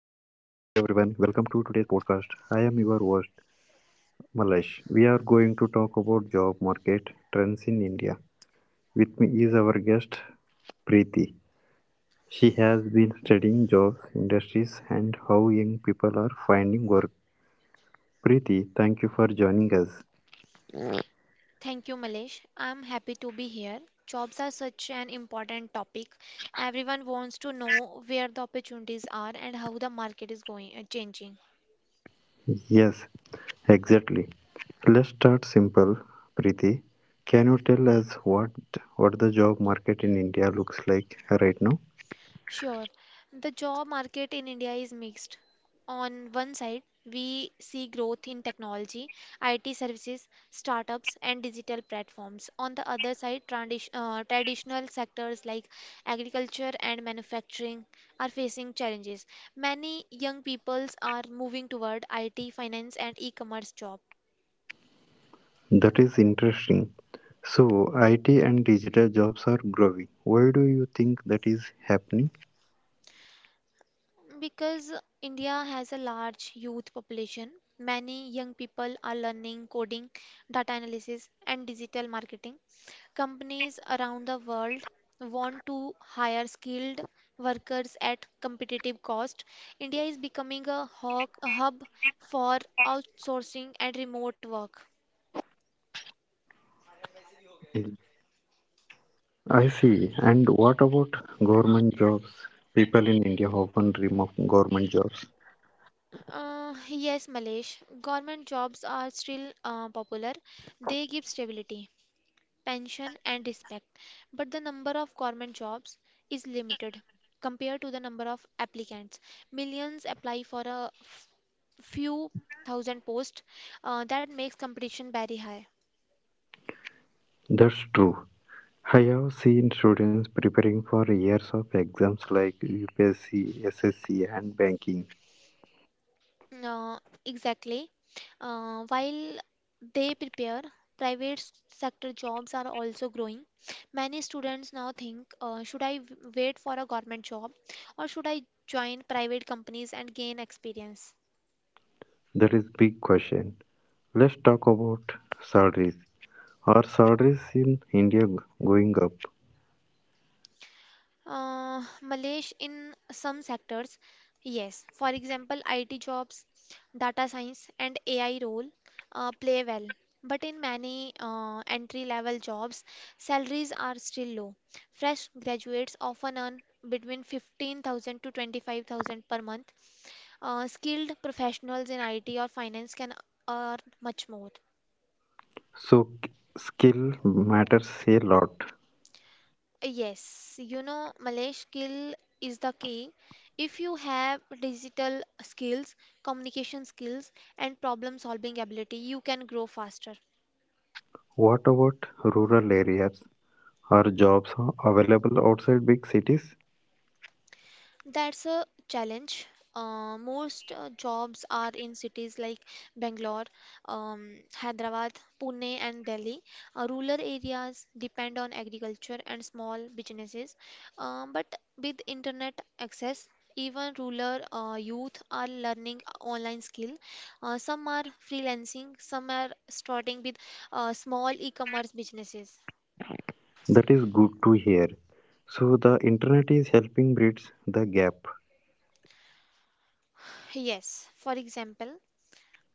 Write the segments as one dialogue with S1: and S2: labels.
S1: Hello everyone, welcome to today's podcast. I am your host Malesh. We are going to talk about job market trends in India. With me is our guest Preeti. She has been studying jobs, industries and how young people are finding work. Preeti, thank you for joining us.
S2: Thank you, Malesh. I'm happy to be here. Jobs are such an important topic. Everyone wants to know where the opportunities are and how the market is going changing.
S1: Yes, exactly. Let's start simple. Preeti, can you tell us what the job market in India looks like right now?
S2: Sure. The job market in India is mixed. On one side, we see growth in technology, IT services, startups, and digital platforms. On the other side, traditional sectors like agriculture and manufacturing are facing challenges. Many young peoples are moving toward IT, finance, and e-commerce jobs.
S1: That is interesting. So, IT and digital jobs are growing. Why do you think that is happening?
S2: Because India has a large youth population, many young people are learning coding, data analysis, and digital marketing. Companies around the world want to hire skilled workers at competitive cost. India is becoming a hub for outsourcing and remote work.
S1: I see. And what about government jobs? People in India often dream of government jobs.
S2: Yes, Malesh, government jobs are still popular. They give stability, pension and respect. But the number of government jobs is limited compared to the number of applicants. Millions apply for a few thousand posts. That makes competition very high.
S1: That's true. I have seen students preparing for years of exams like UPSC, SSC, and banking.
S2: Uh, exactly. While they prepare, private sector jobs are also growing. Many students now think, should I wait for a government job or should I join private companies and gain experience?
S1: That is big question. Let's talk about salaries. Are salaries in India going up?
S2: Malesh, in some sectors, yes. For example, IT jobs, data science, and AI role play well. But in many entry-level jobs, salaries are still low. Fresh graduates often earn between 15,000 to 25,000 per month. Skilled professionals in IT or finance can earn much more.
S1: So skill matters a lot.
S2: Yes, you know, Malay skill is the key. If you have digital skills, communication skills, and problem solving ability, you can grow faster.
S1: What about rural areas? Are jobs available outside big cities?
S2: That's a challenge. Most jobs are in cities like Bangalore, Hyderabad, Pune, and Delhi. Rural areas depend on agriculture and small businesses. But with internet access, even rural youth are learning online skill. Some are freelancing, some are starting with small e-commerce businesses.
S1: That is good to hear. So the internet is helping bridge the gap.
S2: Yes, for example,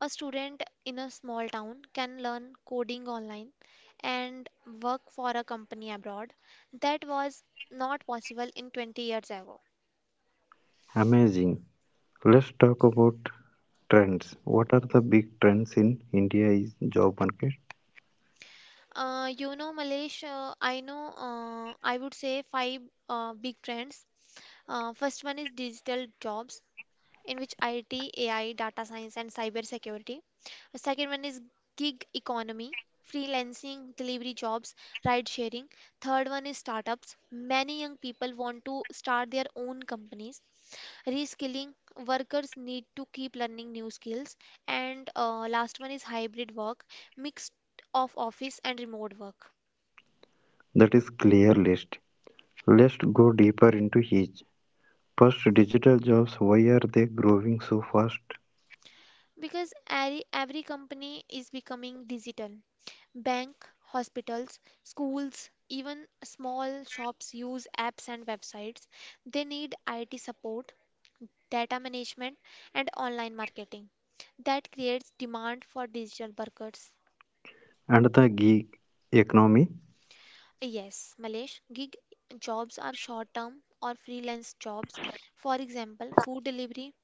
S2: a student in a small town can learn coding online and work for a company abroad. That was not possible in 20 years ago.
S1: Amazing. Let's talk about trends. What are the big trends in India's job market?
S2: Malesh, I would say five big trends. First one is digital jobs, in which IT, AI, data science, and cyber security. The second one is gig economy, freelancing, delivery jobs, ride sharing. Third one is startups. Many young people want to start their own companies. Reskilling, workers need to keep learning new skills. And last one is hybrid work, mixed of office and remote work,
S1: That is clear list. Let's go deeper into each. First, digital jobs. Why are they growing so fast?
S2: because every company is becoming digital. Bank, hospitals, schools, even small shops use apps and websites. They need IT support, data management, and online marketing. That creates demand for digital workers.
S1: And the gig economy.
S2: Yes, Malesh, gig jobs are short term or freelance jobs. For example, food delivery,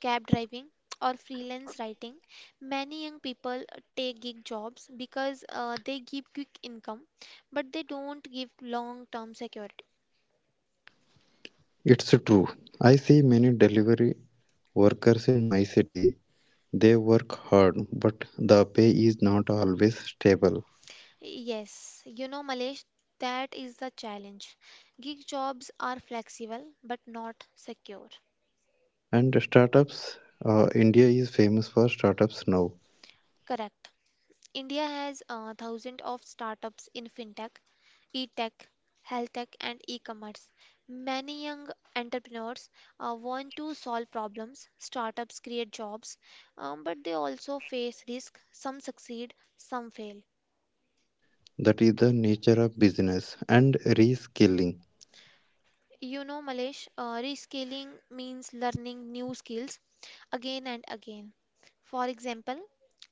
S2: cab driving, or freelance writing. Many young people take gig jobs because they give quick income, but they don't give long term security.
S1: It's true. I see many delivery workers in my city, they work hard, but the pay is not always stable.
S2: Yes, you know, Malesh, that is the challenge. Gig jobs are flexible but not secure.
S1: And startups, India is famous for startups now.
S2: Correct. India has thousands of startups in fintech, e-tech, health tech, and e-commerce. Many young entrepreneurs want to solve problems. Startups create jobs, but they also face risk. Some succeed, some fail.
S1: That is the nature of business and reskilling.
S2: You know, Malesh, rescaling means learning new skills again and again. For example,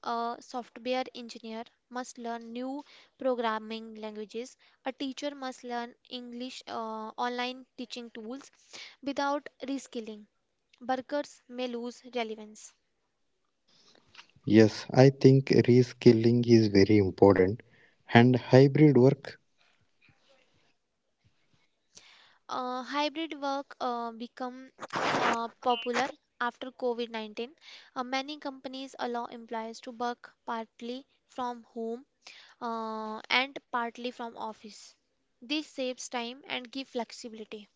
S2: a software engineer must learn new programming languages, a teacher must learn English online teaching tools. Without reskilling, workers may lose relevance.
S1: Yes, I think reskilling is very important. And hybrid work,
S2: Hybrid work become popular after COVID-19. Many companies allow employees to work partly from home and partly from office. This saves time and give flexibility.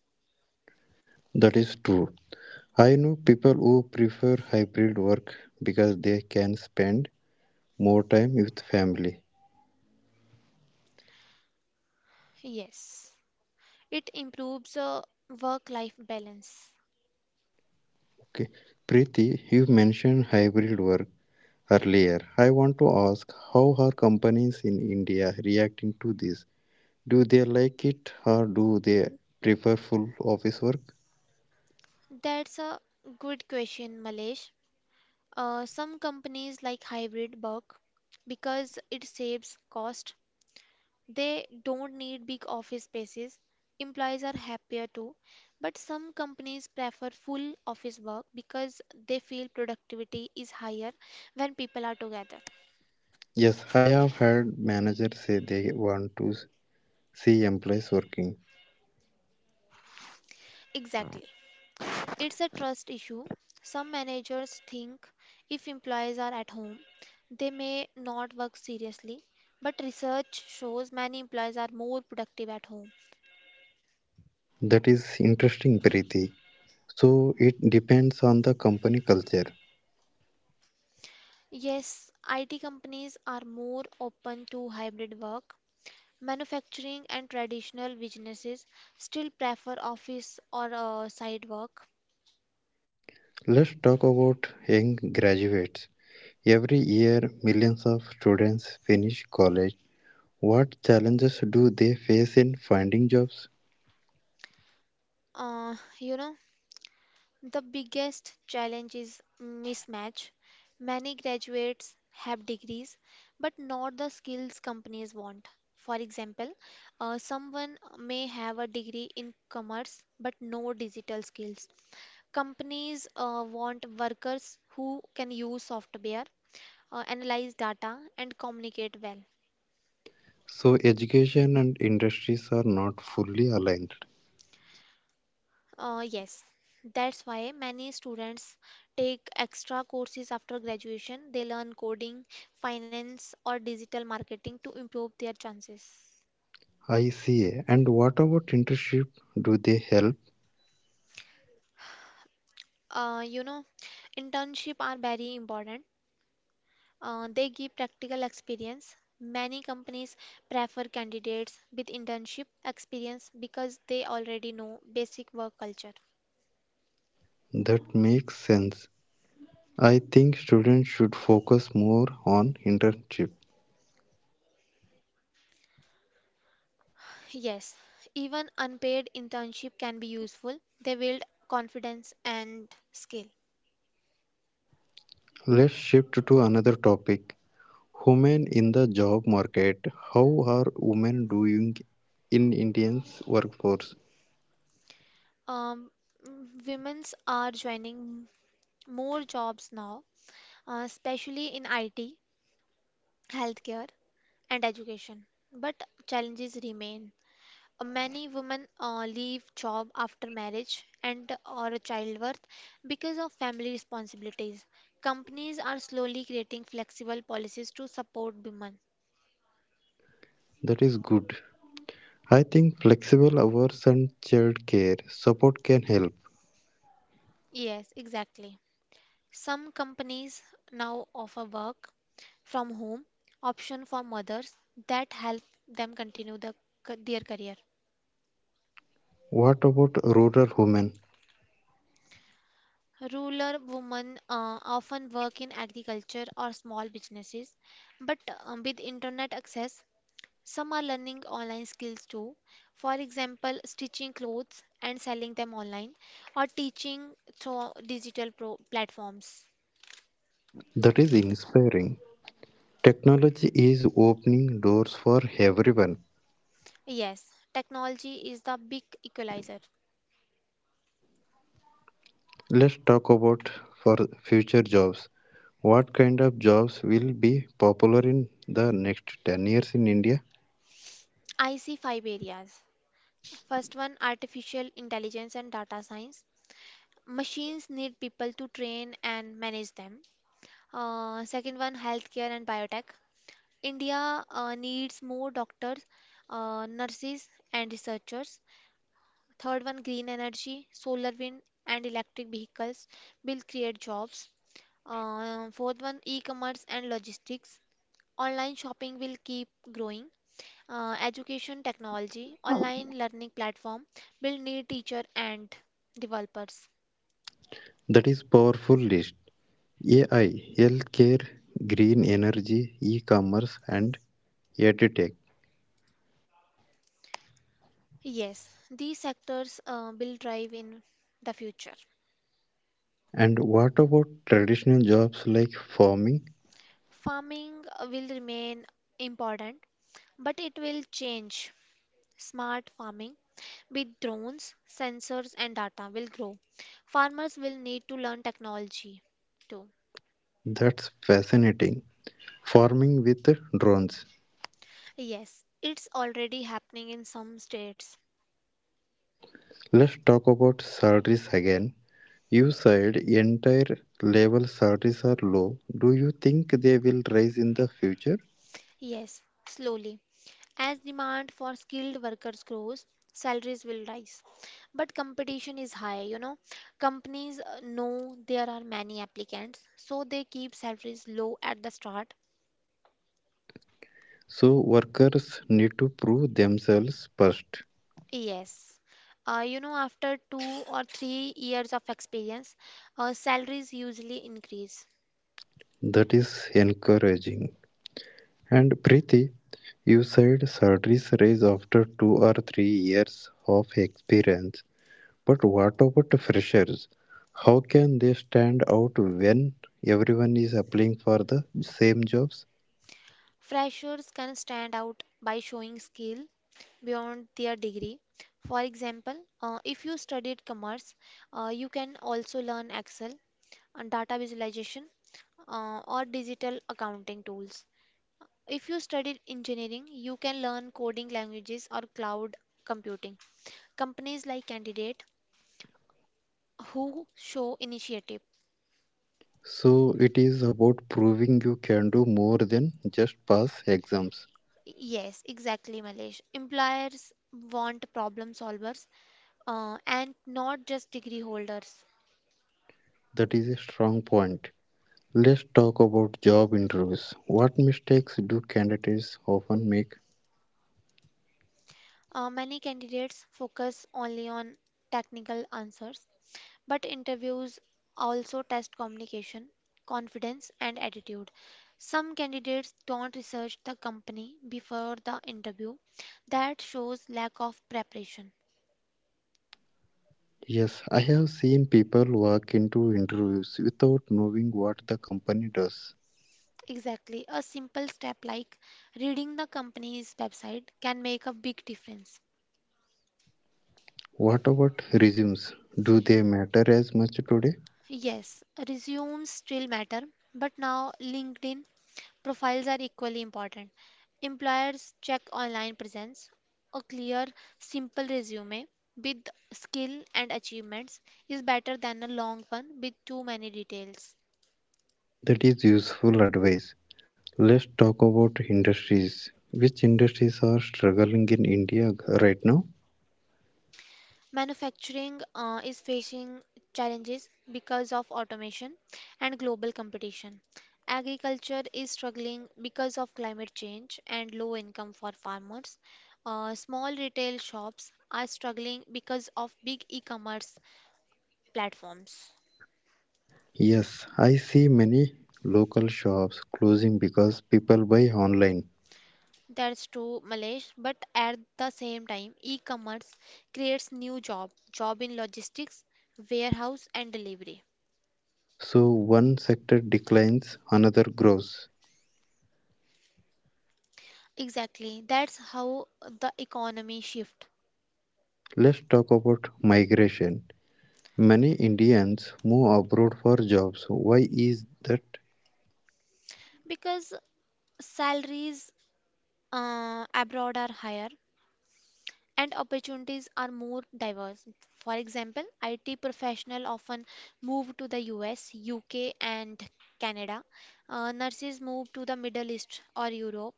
S1: that is true. I know people who prefer hybrid work because they can spend more time with family.
S2: Yes, it improves work-life balance.
S1: Okay. Preeti, you mentioned hybrid work earlier. I want to ask how are companies in India reacting to this? Do they like it or do they prefer full office work?
S2: That's a good question, Malesh. Some companies like hybrid work because it saves cost. They don't need big office spaces. Employees are happier too. But some companies prefer full office work because they feel productivity is higher when people are together.
S1: Yes, I have heard managers say they want to see employees working.
S2: Exactly. It's a trust issue. Some managers think if employees are at home, they may not work seriously, but research shows many employees are more productive at home.
S1: That is interesting, Preeti. So it depends on the company culture.
S2: Yes, IT companies are more open to hybrid work. Manufacturing and traditional businesses still prefer office or side work.
S1: Let's talk about young graduates. Every year, millions of students finish college. What challenges do they face in finding jobs?
S2: You know, the biggest challenge is mismatch. Many graduates have degrees, but not the skills companies want. For example, someone may have a degree in commerce but no digital skills. Companies want workers who can use software, analyze data, and communicate well.
S1: So education and industries are not fully aligned.
S2: Yes, that's why many students take extra courses after graduation. They learn coding, finance, or digital marketing to improve their chances.
S1: I see. And what about internship? Do they help?
S2: Uh, you know, Internship are very important. They give practical experience. Many companies prefer candidates with internship experience because they already know basic work culture.
S1: That makes sense. I think students should focus more on internship.
S2: Yes, even unpaid internship can be useful. They build confidence and skill.
S1: Let's shift to another topic. Women in the job market. How are women doing in Indian's workforce?
S2: Um, women's are joining more jobs now, especially in IT, healthcare, and education. But challenges remain. Many women leave job after marriage and or childbirth because of family responsibilities. Companies are slowly creating flexible policies to support women.
S1: That is good. I think flexible hours and child care support can help.
S2: Yes, exactly. Some companies now offer work from home option for mothers that help them continue their career.
S1: What about rural women?
S2: Rural women often work in agriculture or small businesses, but with internet access, some are learning online skills too. For example, stitching clothes and selling them online, or teaching through platforms.
S1: That is inspiring. Technology is opening doors for everyone.
S2: Yes, technology is the big equalizer.
S1: Let's talk about for future jobs. What kind of jobs will be popular in the next 10 years in India?
S2: I see 5 areas. First one, artificial intelligence and data science. Machines need people to train and manage them. Second one, healthcare and biotech. India needs more doctors, nurses, and researchers. Third one, green energy, solar, wind, and electric vehicles will create jobs. Fourth one, e-commerce and logistics. Online shopping will keep growing. Education technology, online learning platform will need teacher and developers.
S1: That is powerful list. AI, healthcare, green energy, e-commerce and edtech.
S2: Yes, these sectors will drive in the future.
S1: And what about traditional jobs like farming?
S2: Farming will remain important, but it will change. Smart farming with drones, sensors, and data will grow. Farmers will need to learn technology too.
S1: That's fascinating. Farming with drones.
S2: Yes, it's already happening in some states.
S1: Let's talk about salaries again. You said entire level salaries are low. Do you think they will rise in the future?
S2: Yes, slowly. As demand for skilled workers grows, salaries will rise. But competition is high, you know. Companies know there are many applicants, so they keep salaries low at the start.
S1: So workers need to prove themselves first.
S2: Yes. You know, after 2 or 3 years of experience, salaries usually increase.
S1: That is encouraging. And Preeti, you said salaries rise after 2 or 3 years of experience. But what about freshers? How can they stand out when everyone is applying for the same jobs?
S2: Freshers can stand out by showing skill beyond their degree. For example, if you studied commerce, you can also learn Excel and data visualization or digital accounting tools. If you studied engineering, you can learn coding languages or cloud computing. Companies like candidate who show initiative.
S1: So it is about proving you can do more than just pass exams.
S2: Yes, exactly, Malesh. Employers want problem solvers and not just degree holders.
S1: That is a strong point. Let's talk about job interviews. What mistakes do candidates often make?
S2: Many candidates focus only on technical answers, but interviews also test communication, confidence, and attitude. Some candidates don't research the company before the interview. That shows lack of preparation.
S1: Yes, I have seen people walk into interviews without knowing what the company does.
S2: Exactly. A simple step like reading the company's website can make a big difference.
S1: What about resumes? Do they matter as much today?
S2: Yes, resumes still matter, but now LinkedIn profiles are equally important. Employers check online presence. A clear, simple resume with skill and achievements is better than a long one with too many details.
S1: That is useful advice. Let's talk about industries. Which industries are struggling in India right now?
S2: Manufacturing is facing challenges because of automation and global competition. Agriculture is struggling because of climate change and low income for farmers. Small retail shops are struggling because of big e commerce platforms.
S1: Yes, I see many local shops closing because people buy online.
S2: That's true, Malesh, but at the same time, e-commerce creates job in logistics, warehouse and delivery.
S1: So one sector declines, another grows.
S2: Exactly, that's how the economy shift.
S1: Let's talk about migration. Many Indians move abroad for jobs. Why is that?
S2: Because salaries abroad are higher and opportunities are more diverse. For example, IT professional often move to the US, UK and Canada. Nurses move to the Middle East or Europe.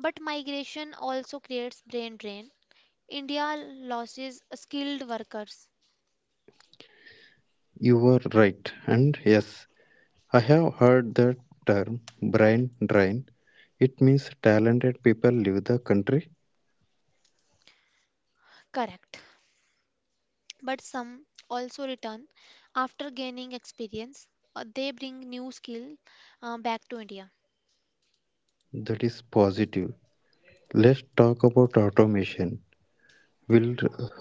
S2: But migration also creates brain drain. India loses skilled workers,
S1: You were right. And yes, I have heard that term brain drain. It means talented people leave the country.
S2: correct, but some also return after gaining experience. They bring new skill back to India.
S1: That is positive. Let's talk about automation. Will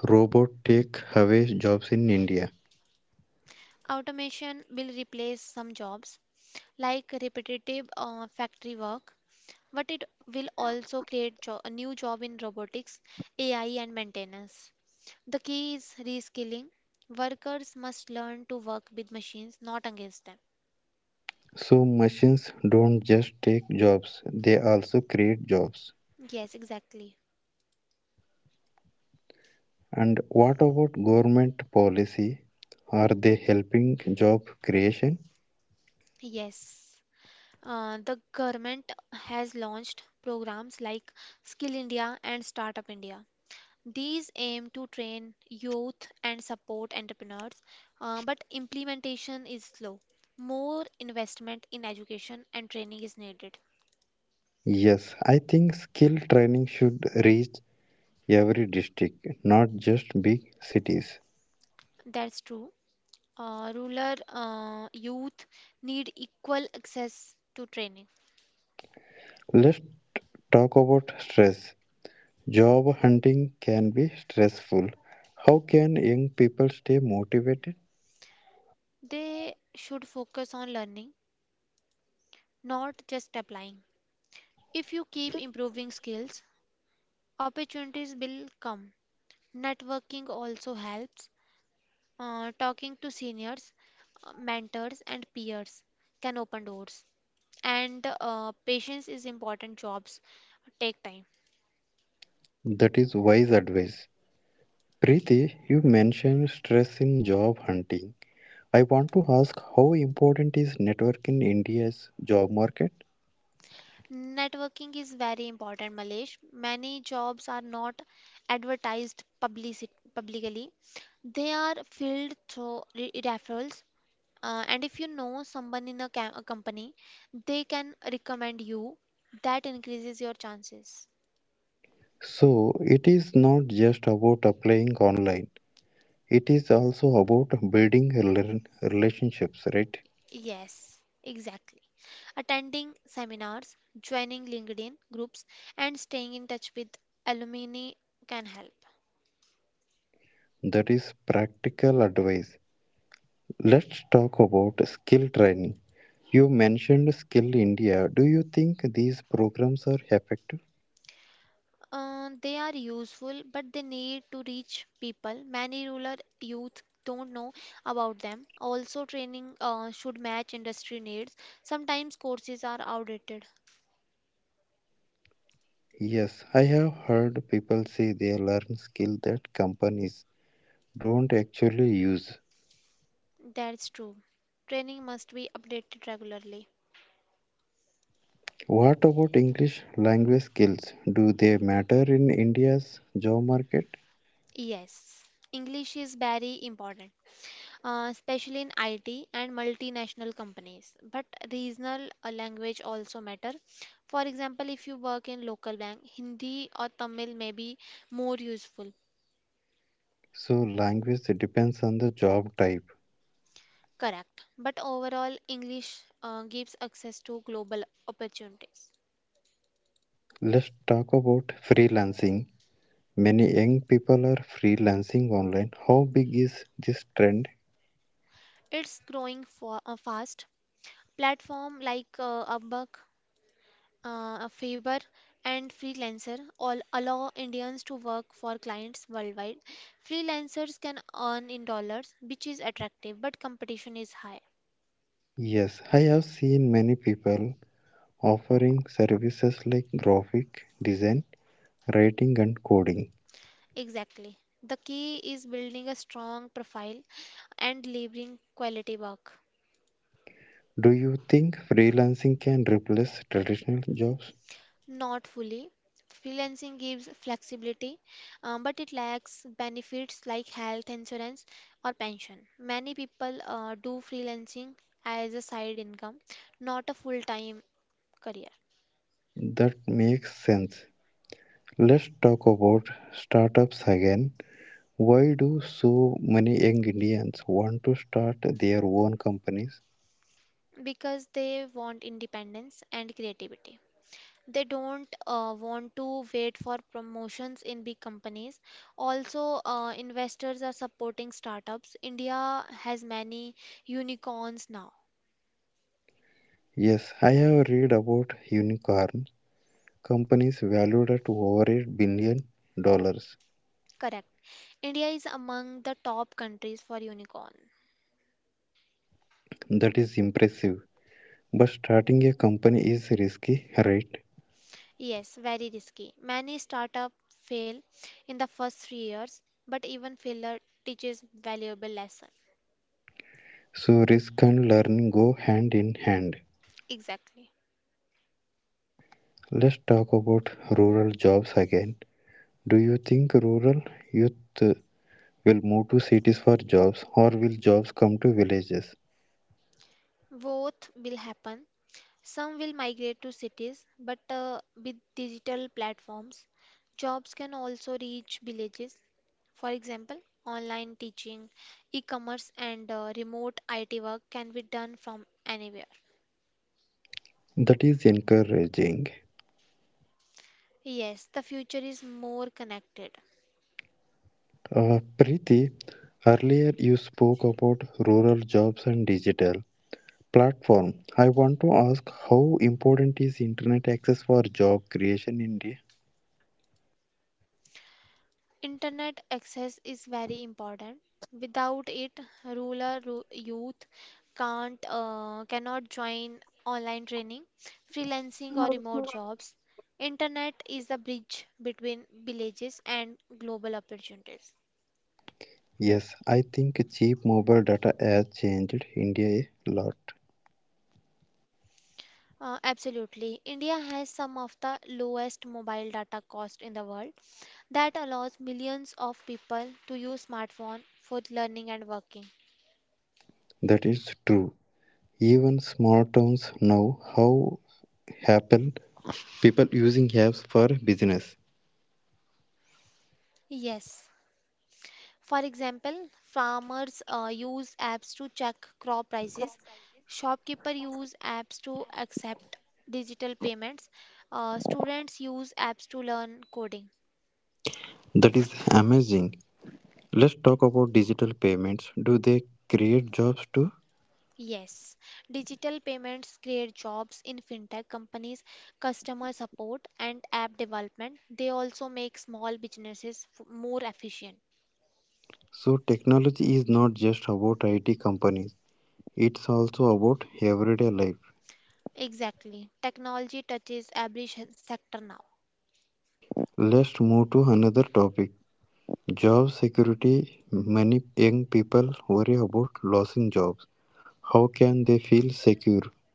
S1: robot take away jobs in India?
S2: Automation will replace some jobs like repetitive factory work, but it will also create a new job in robotics, AI, and maintenance. The key is reskilling. Workers must learn to work with machines, not against them.
S1: So machines don't just take jobs, they also create jobs.
S2: Yes, exactly.
S1: And what about government policy? Are they helping job creation?
S2: Yes. The government has launched programs like Skill India and Startup India. These aim to train youth and support entrepreneurs, but implementation is slow. More investment in education and training is needed.
S1: Yes, I think skill training should reach every district, not just big cities.
S2: That's true. Rural youth need equal access to training.
S1: Let's talk about stress. Job hunting can be stressful. How can young people stay motivated?
S2: They should focus on learning, not just applying. If you keep improving skills, opportunities will come. Networking also helps. Talking to seniors, mentors, and peers can open doors. And patience is important. Jobs take time.
S1: That is wise advice. Preeti, you mentioned stress in job hunting. I want to ask how important is network in India's job market?
S2: Networking is very important, Malesh. Many jobs are not advertised publicly. They are filled through referrals. And if you know someone in a company, they can recommend you. That increases your chances.
S1: So, it is not just about applying online. It is also about building relationships, right?
S2: Yes, exactly. Attending seminars, joining LinkedIn groups, and staying in touch with alumni can help.
S1: That is practical advice. Let's talk about skill training. You mentioned Skill India. Do you think these programs are effective?
S2: They are useful, but they need to reach people. Many rural youth don't know about them. Also, training should match industry needs. Sometimes courses are outdated.
S1: Yes, I have heard people say they learn skill that companies don't actually use.
S2: That's true. Training must be updated regularly.
S1: What about English language skills? Do they matter in India's job market?
S2: Yes, English is very important, especially in IT and multinational companies. But regional language also matter. For example, if you work in local bank, Hindi or Tamil may be more useful.
S1: So, language depends on the job type.
S2: Correct. But overall, English gives access to global opportunities.
S1: Let's talk about freelancing. Many young people are freelancing online. How big is this trend?
S2: It's growing for, fast. Platform like Upwork, a Faber and freelancer all allow Indians to work for clients worldwide. Freelancers can earn in dollars, which is attractive, but competition is high.
S1: Yes, I have seen many people offering services like graphic design, writing, and coding.
S2: Exactly. The key is building a strong profile and delivering quality work.
S1: Do you think freelancing can replace traditional jobs?
S2: Not fully. Freelancing gives flexibility, but it lacks benefits like health insurance or pension. Many people do freelancing as a side income, not a full time career
S1: That makes sense. Let's talk about startups again. Why do so many young Indians want to start their own companies?
S2: because they want independence and creativity. They don't want to wait for promotions in big companies. Also, investors are supporting startups. India has many unicorns now.
S1: Yes, I have read about unicorn companies valued at over 8 billion dollars.
S2: Correct. India is among the top countries for unicorn.
S1: That is impressive. But starting a company is risky, right?
S2: Yes, very risky. Many startups fail in the first 3 years, but even failure teaches valuable lesson.
S1: So risk and learning go hand in hand.
S2: Exactly.
S1: Let's talk about rural jobs again. Do you think rural youth will move to cities for jobs or will jobs come to villages?
S2: Both will happen. Some will migrate to cities, but with digital platforms, jobs can also reach villages. For example, online teaching, e-commerce, and remote IT work can be done from anywhere.
S1: That is encouraging.
S2: Yes, the future is more connected.
S1: Preeti, earlier you spoke about rural jobs and digital platform. I want to ask how important is internet access for job creation in India?
S2: Internet access is very important. Without it, rural youth can't cannot join online training, freelancing or remote jobs. Internet is the bridge between villages and global opportunities.
S1: Yes, I think cheap mobile data has changed India a lot.
S2: Absolutely. India has some of the lowest mobile data cost in the world. That allows millions of people to use smartphone for learning and working.
S1: That is true. Even small towns know how happen people using apps for business.
S2: Yes. For example, farmers use apps to check crop prices, shopkeepers use apps to accept digital payments, students use apps to learn coding.
S1: That is amazing. Let's talk about digital payments. Do they create jobs too?
S2: Yes, digital payments create jobs in fintech companies, customer support, and app development. They also make small businesses more efficient.
S1: So, technology is not just about IT companies, it's also about everyday life.
S2: Exactly. Technology touches every sector now.
S1: Let's move to another topic job security. Many young people worry about losing jobs. How can they feel secure?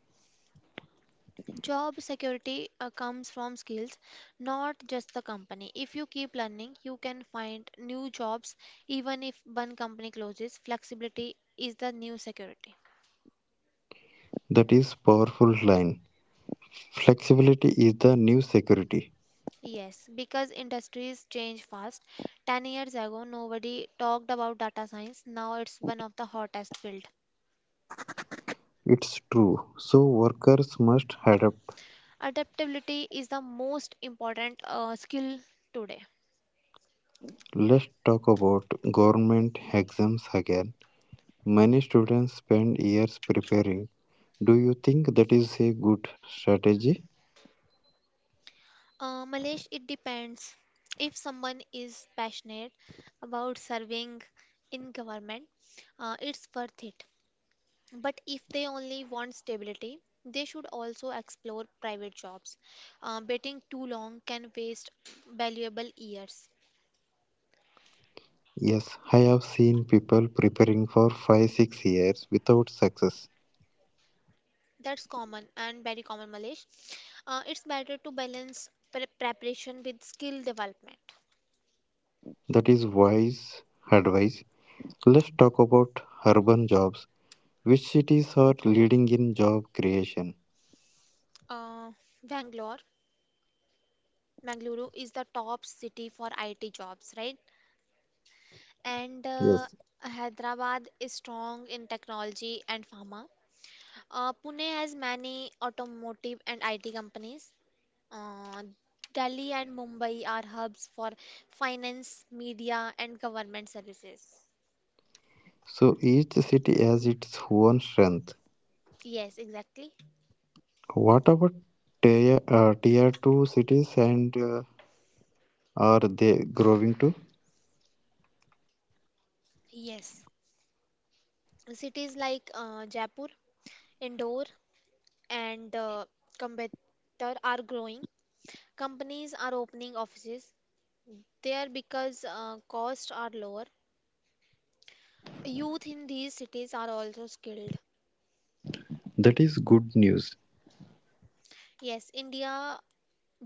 S2: Job security comes from skills, not just the company. If you keep learning, you can find new jobs even if one company closes. Flexibility is the new security.
S1: That is powerful line. Flexibility is the new security.
S2: Yes, because industries change fast. 10 years ago, nobody talked about data science. Now it's one of the hottest field.
S1: It's true. So workers must adapt.
S2: Adaptability is the most important skill today.
S1: Let's talk about government exams again. Many students spend years preparing. Do you think that is a good strategy?
S2: Malesh, it depends. If someone is passionate about serving in government, it's worth it. But if they only want stability, they should also explore private jobs. Waiting too long can waste valuable years.
S1: Yes, I have seen people preparing for 5 6 years without success.
S2: That's common and very common, Malesh. It's better to balance preparation with skill development.
S1: That is wise advice. Let's talk about urban jobs. Which cities are leading in job creation?
S2: Uh, Bangalore, Bangalore is the top city for IT jobs, right? And
S1: Yes.
S2: Hyderabad is strong in technology and pharma. Pune has many automotive and IT companies. Uh, Delhi and Mumbai are hubs for finance, media, and government services.
S1: So each city has its own strength.
S2: Yes, exactly.
S1: What about tier 2 cities and are they growing too?
S2: Yes. Cities like Jaipur, Indore, and Coimbatore are growing. Companies are opening offices there because costs are lower. Youth in these cities are also skilled.
S1: That is good news.
S2: Yes, India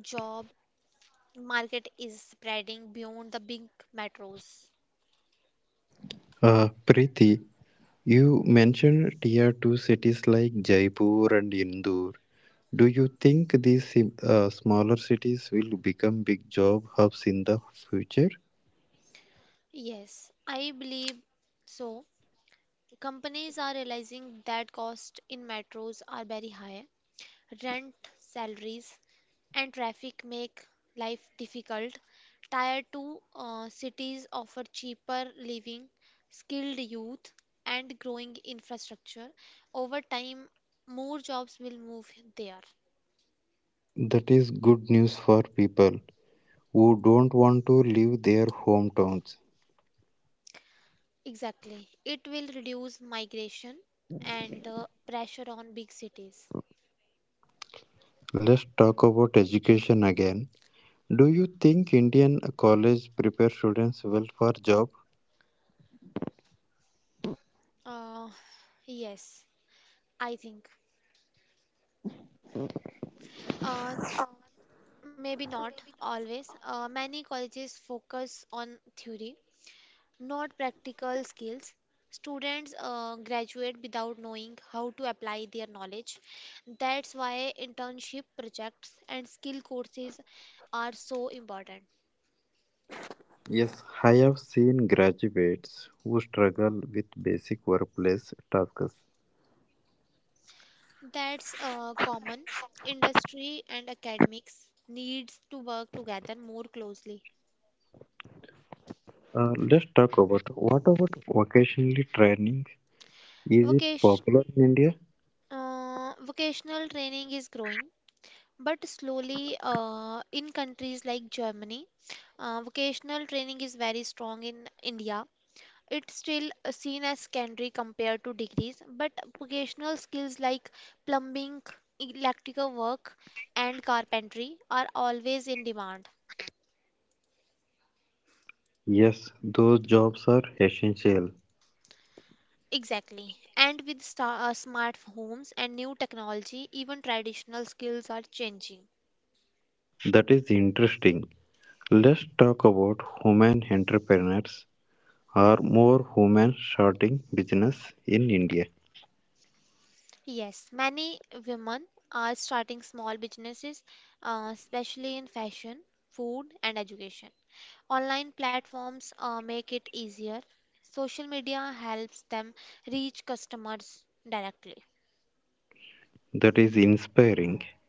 S2: job market is spreading beyond the big metros.
S1: Preeti, you mentioned tier 2 cities like Jaipur and Indore. Do you think these smaller cities will become big job hubs in the future?
S2: Yes, I believe so. Companies are realizing that costs in metros are very high. Rent, salaries, and traffic make life difficult. Tier 2 cities offer cheaper living, skilled youth, and growing infrastructure. Over time, more jobs will move there.
S1: That is good news for people who don't want to leave their hometowns.
S2: Exactly. It will reduce migration and pressure on big cities.
S1: Let's talk about education again. Do you think Indian college prepare students well for job?
S2: Uh, yes, I think. Uh, Maybe not always. Many colleges focus on theory, not practical skills. Students graduate without knowing how to apply their knowledge. That's why internship projects and skill courses are so important.
S1: Yes, I have seen graduates who struggle with basic workplace tasks.
S2: That's common. Industry and academics needs to work together more closely.
S1: Let's talk about what about vocational training? Is it
S2: Vocation,
S1: popular in India?
S2: vocational training is growing, but slowly in countries like Germany, vocational training is very strong in India. It's still seen as secondary compared to degrees, but vocational skills like plumbing, electrical work, and carpentry are always in demand.
S1: Yes, those jobs are essential.
S2: Exactly. And with smart homes and new technology, even traditional skills are changing.
S1: That is interesting. Let's talk about women entrepreneurs. Are more women starting business in India?
S2: Yes, many women are starting small businesses, especially in fashion, food, and education. Online platforms make it easier. Social media helps them reach customers directly.
S1: That is inspiring.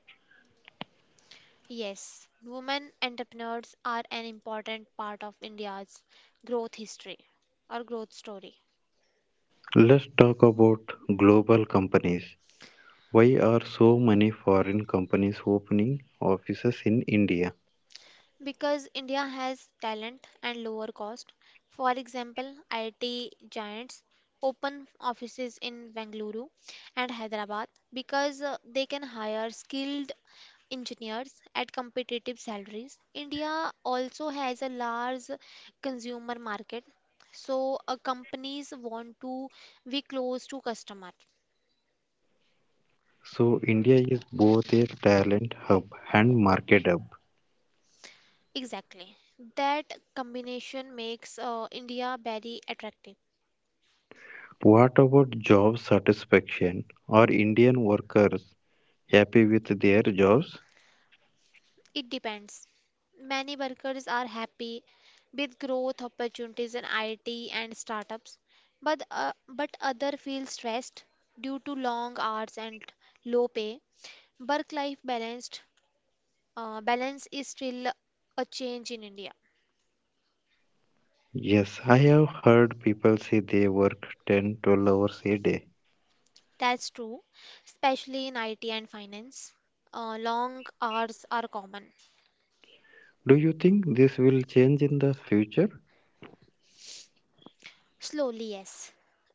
S2: Yes, women entrepreneurs are an important part of India's growth history or growth story.
S1: Let's talk about global companies. Why are so many foreign companies opening offices in India?
S2: Because India has talent and lower cost. For example, IT giants open offices in Bengaluru and Hyderabad because they can hire skilled engineers at competitive salaries. India also has a large consumer market, so companies want to be close to customer.
S1: So India is both a talent hub and market hub.
S2: Exactly. That combination makes India very attractive.
S1: What about job satisfaction? Are Indian workers happy with their jobs?
S2: It depends. Many workers are happy with growth opportunities in IT and startups, but other feel stressed due to long hours and low pay. Work-life balance is still a change in India.
S1: Yes, I have heard people say they work 10 12 hours a day.
S2: That's true, especially in IT and finance. Long hours are common.
S1: Do you think this will change in the future?
S2: Slowly, yes.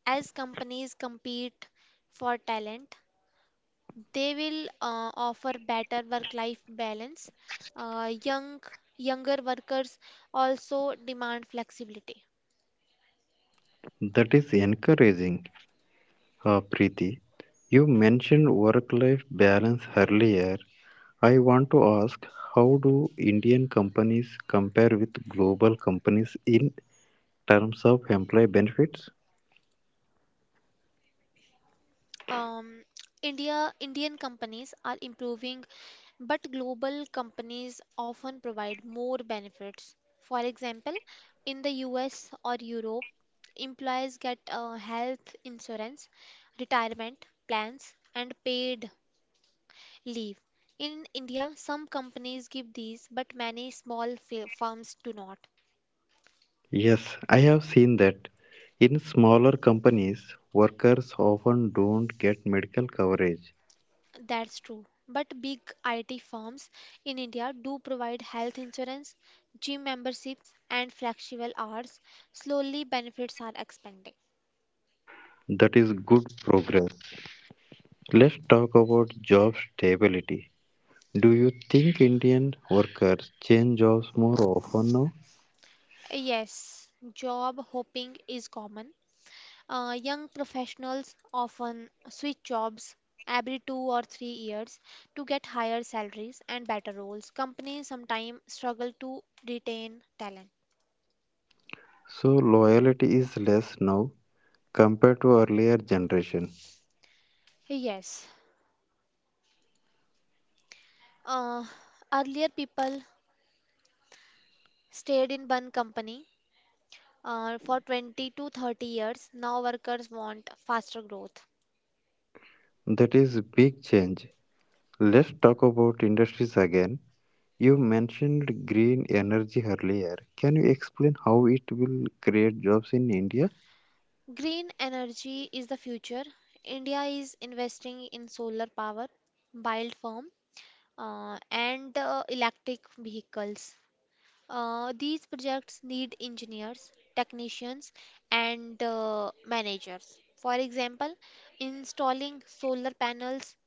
S2: As companies compete for talent, they will offer better work-life balance. Uh, young younger workers also demand flexibility.
S1: That is encouraging, Preeti. You mentioned work life balance earlier. I want to ask how do Indian companies compare with global companies in terms of employee benefits?
S2: Um, Indian companies are improving, but global companies often provide more benefits. For example, in the US or Europe, employees get health insurance, retirement plans, and paid leave. In India, some companies give these, but many small firms do not.
S1: Yes, I have seen that. In smaller companies, workers often don't get medical coverage.
S2: That's true. But big IT firms in India do provide health insurance, gym memberships, and flexible hours. Slowly, benefits are expanding.
S1: That is good progress. Let's talk about job stability. Do you think Indian workers change jobs more often now?
S2: Yes, job hopping is common. Young professionals often switch jobs every 2 or 3 years to get higher salaries and better roles. Companies sometimes struggle to retain talent.
S1: So loyalty is less now compared to earlier generation.
S2: Yes. Uh, Earlier, people stayed in one company for 20 to 30 years. Now, workers want faster growth.
S1: That is big change. Let's talk about industries again. You mentioned green energy earlier. Can you explain how it will create jobs in India?
S2: Green energy is the future. India is investing in solar power, wind farm, and electric vehicles. These projects need engineers, technicians, and managers. For example, installing solar panels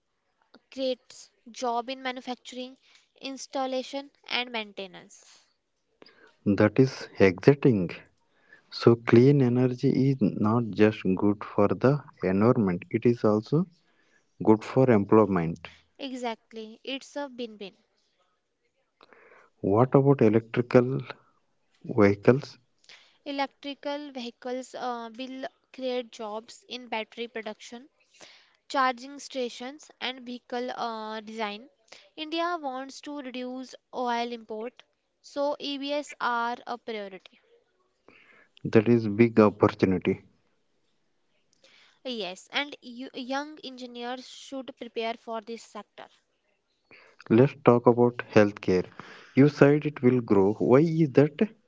S2: creates job in manufacturing, installation, and maintenance.
S1: That is exciting. So, clean energy is not just good for the environment, it is also good for employment.
S2: Exactly, it's a win-win.
S1: What about electrical vehicles?
S2: Electrical vehicles will create jobs in battery production, charging stations, and vehicle design. India wants to reduce oil import, so EVs are a priority.
S1: That is big opportunity.
S2: Yes, and you, young engineers should prepare for this sector
S1: Let's talk about healthcare. You said it will grow. Why is that?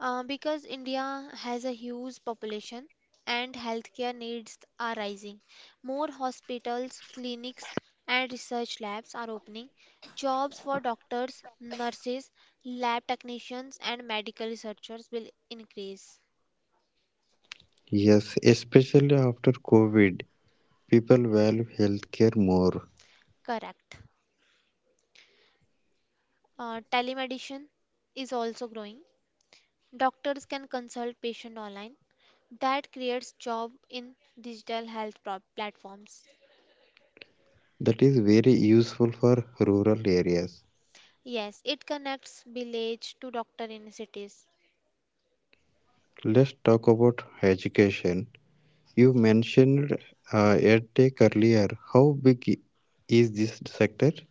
S2: because India has a huge population and healthcare needs are rising. More hospitals, clinics, and research labs are opening. Jobs for doctors, nurses, lab technicians, and medical researchers will increase.
S1: Yes, especially after COVID, people value healthcare more.
S2: Correct. Telemedicine is also growing. Doctors can consult patient online. That creates job in digital health platforms.
S1: That is very useful for rural areas.
S2: Yes, it connects village to doctor in cities.
S1: Let's talk about education. You mentioned EdTech earlier. How big is this sector?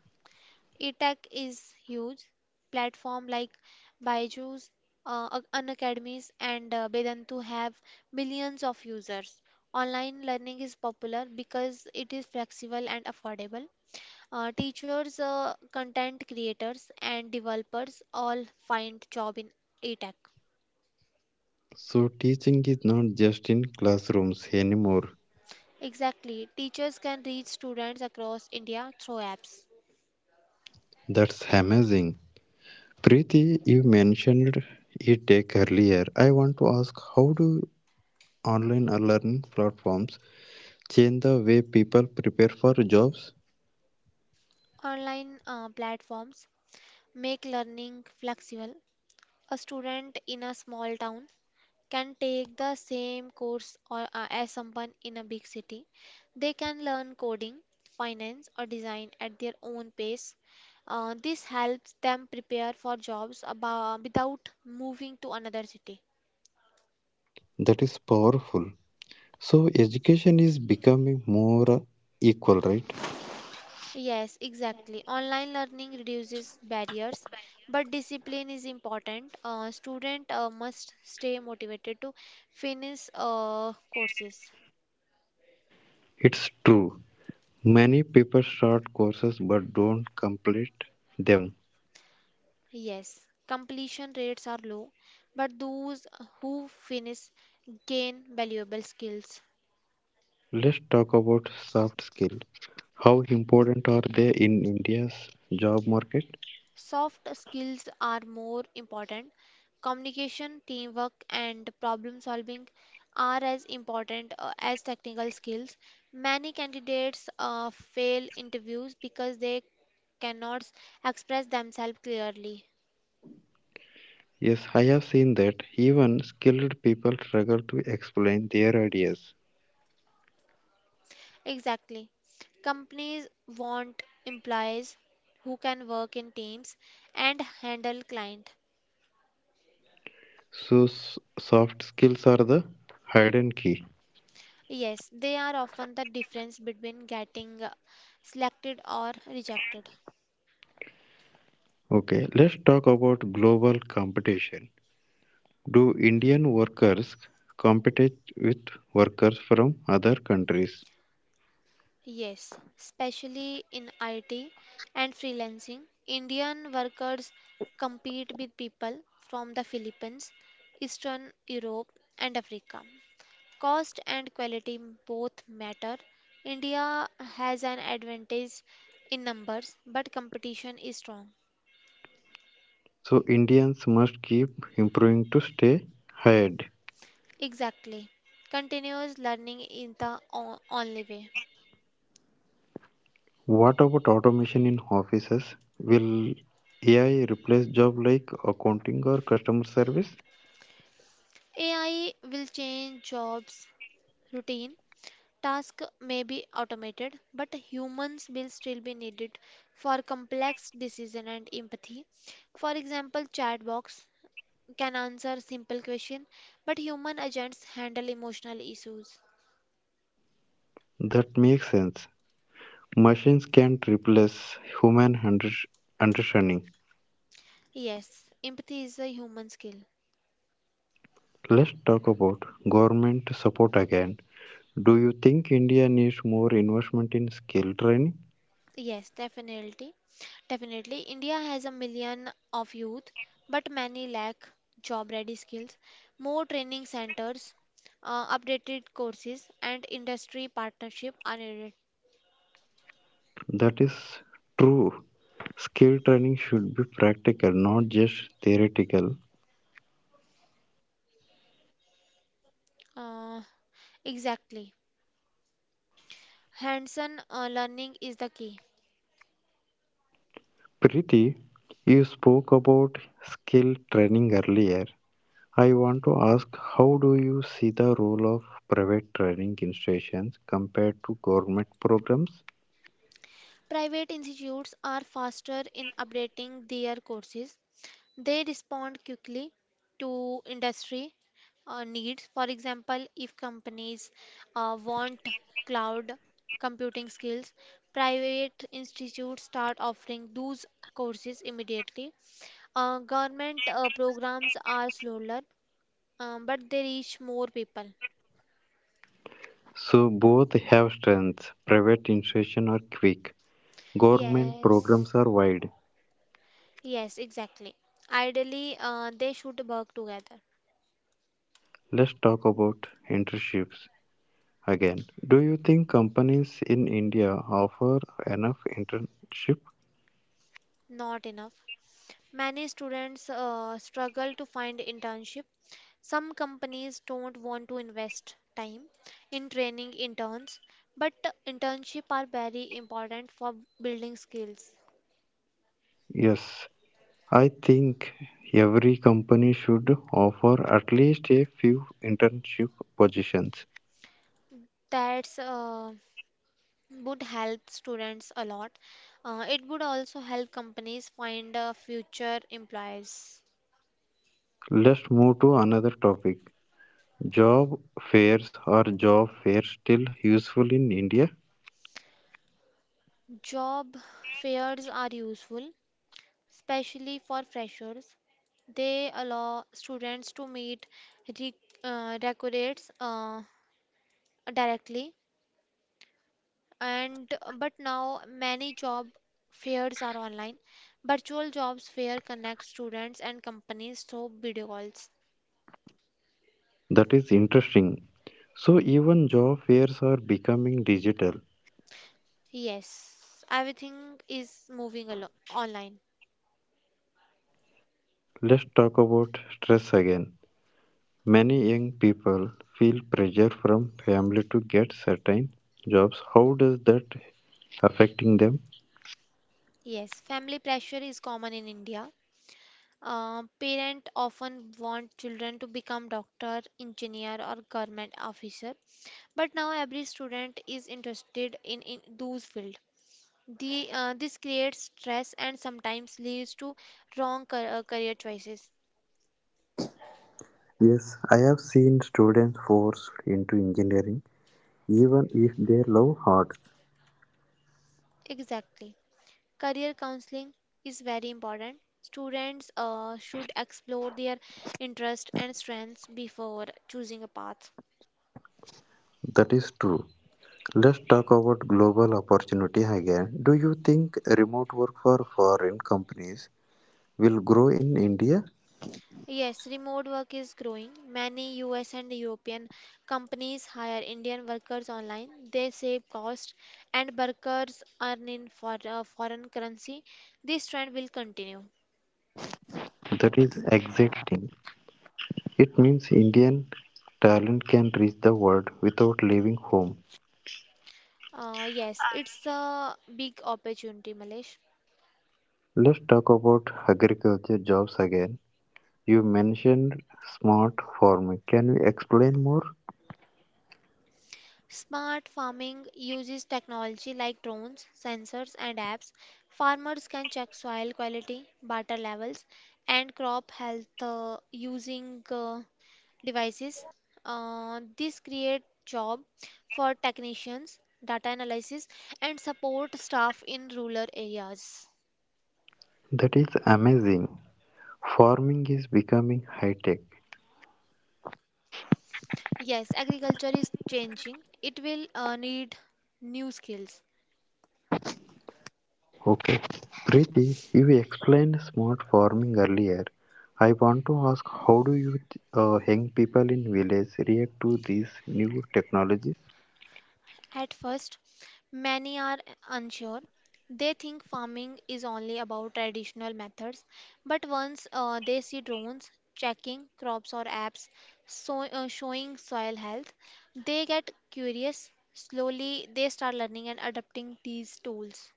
S2: E-tech is huge. Platform like Byju's, Unacademies, and Bedantu have millions of users. Online learning is popular because it is flexible and affordable. Teachers, content creators, and developers all find job in ETech.
S1: So, teaching is not just in classrooms anymore.
S2: Exactly, teachers can reach students across India through apps.
S1: That's amazing. Preeti, you mentioned EdTech earlier. I want to ask how do online learning platforms change the way people prepare for jobs?
S2: Online platforms make learning flexible. A student in a small town can take the same course or as someone in a big city. They can learn coding, finance, or design at their own pace. This helps them prepare for jobs without moving to another city.
S1: That is powerful. So education is becoming more equal, right?
S2: Yes, exactly. Online learning reduces barriers, but discipline is important. Student must stay motivated to finish courses.
S1: It's true. Many people start courses but don't complete them.
S2: Yes, completion rates are low, but those who finish gain valuable skills.
S1: Let's talk about soft skills. How important are they in India's job market?
S2: Soft skills are more important. Communication, teamwork, and problem solving are as important as technical skills. Many candidates fail interviews because they cannot express themselves clearly.
S1: Yes, I have seen that even skilled people struggle to explain their ideas.
S2: Exactly. Companies want employees who can work in teams and handle client.
S1: So soft skills are the hidden key.
S2: Yes, they are often the difference between getting selected or rejected.
S1: Okay, let's talk about global competition. Do Indian workers compete with workers from other countries?
S2: Yes, especially in IT and freelancing, Indian workers compete with people from the Philippines, Eastern Europe, and Africa. Cost and quality both matter. India has an advantage in numbers, but competition is strong.
S1: So Indians must keep improving to stay ahead.
S2: Exactly. Continuous learning is the only way.
S1: What about automation in offices? Will AI replace jobs like accounting or customer service?
S2: AI will change jobs, routine, tasks may be automated, but humans will still be needed for complex decision and empathy. For example, chatbots can answer simple question, but human agents handle emotional issues.
S1: That makes sense. Machines can't replace human under- understanding.
S2: Yes, empathy is a human skill.
S1: Let's talk about government support again. Do you think India needs more investment in skill training?
S2: Yes, definitely. Definitely. India has a million of youth, but many lack job ready skills. More training centers, updated courses, and industry partnership are needed.
S1: That is true. Skill training should be practical, not just theoretical.
S2: Uh, exactly. Hands-on learning is the key.
S1: Preeti, you spoke about skill training earlier. I want to ask, how do you see the role of private training institutions compared to government programs?
S2: Private institutes are faster in updating their courses. They respond quickly to industry needs. For example, if companies want cloud computing skills, private institutes start offering those courses immediately. Government programs are slower, but they reach more people.
S1: So both have strengths. Private institutions are quick. Government
S2: Yes,
S1: programs are wide.
S2: yes, exactly. Ideally, they should work together.
S1: Let's talk about internships. Again, do you think companies in India offer enough internship?
S2: Not enough. Many students struggle to find internship. Some companies don't want to invest time in training interns, but internship are very important for building skills.
S1: Yes, I think every company should offer at least a few internship positions.
S2: That's would help students a lot. It would also help companies find future employers.
S1: Let's move to another topic. Job fairs, are job fairs still useful in India?
S2: Job fairs are useful, especially for freshers. They allow students to meet re- recruiters directly, and but now many job fairs are online. Virtual jobs fair connect students and companies through video calls.
S1: That is interesting. So even job fairs are becoming digital.
S2: Yes, everything is online.
S1: Let's talk about stress again. Many young people feel pressure from family to get certain jobs. How does that affecting them?
S2: Yes, family pressure is common in India. Parents often want children to become doctor, engineer, or government officer. But now every student is interested in those field. This creates stress and sometimes leads to career choices.
S1: Yes, I have seen students forced into engineering even if they love arts.
S2: Exactly. Career counseling is very important. Students should explore their interests and strengths before choosing a path.
S1: That is true. Let's talk about global opportunity again. Do you think remote work for foreign companies will grow in India?
S2: Yes, remote work is growing. Many US and European companies hire Indian workers online. They save cost and workers earn in foreign currency. This trend will continue.
S1: That is exciting. It means Indian talent can reach the world without leaving home.
S2: Yes, it's a big opportunity, Malesh.
S1: Let's talk about agriculture jobs again. You mentioned smart farming. Can you explain more?
S2: Smart farming uses technology like drones, sensors, and apps. Farmers can check soil quality, water levels, and crop health using uh, devices. This create job for technicians, data analysis, and support staff in rural areas.
S1: That is amazing. Farming is becoming high tech.
S2: Yes, agriculture is changing. It will need new skills.
S1: Okay. Preeti, you explained smart farming earlier. I want to ask, how do you young people in village react to these new technologies?
S2: At first, many are unsure. They think farming is only about traditional methods, but once they see drones checking crops or apps showing soil health, they get curious. Slowly, they start learning and adopting these tools.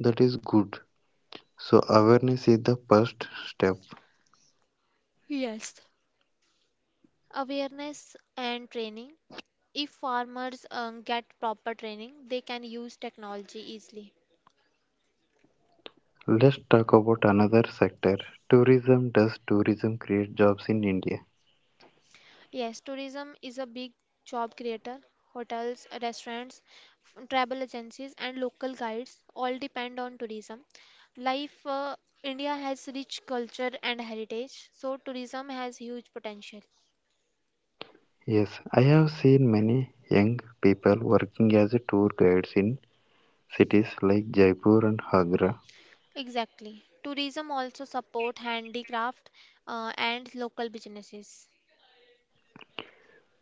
S1: That is good. So awareness is the first step.
S2: Yes. Awareness and training. If farmers get proper training, they can use technology easily.
S1: Let's talk about another sector. Tourism. Does tourism create jobs in India?
S2: Yes, tourism is a big job creator. Hotels, restaurants, travel agencies, and local guides all depend on tourism. Life, uh, India has rich culture and heritage, so tourism has huge potential.
S1: Yes, I have seen many young people working as tour guides in cities like Jaipur and Agra.
S2: Exactly. Tourism also support handicraft and local businesses.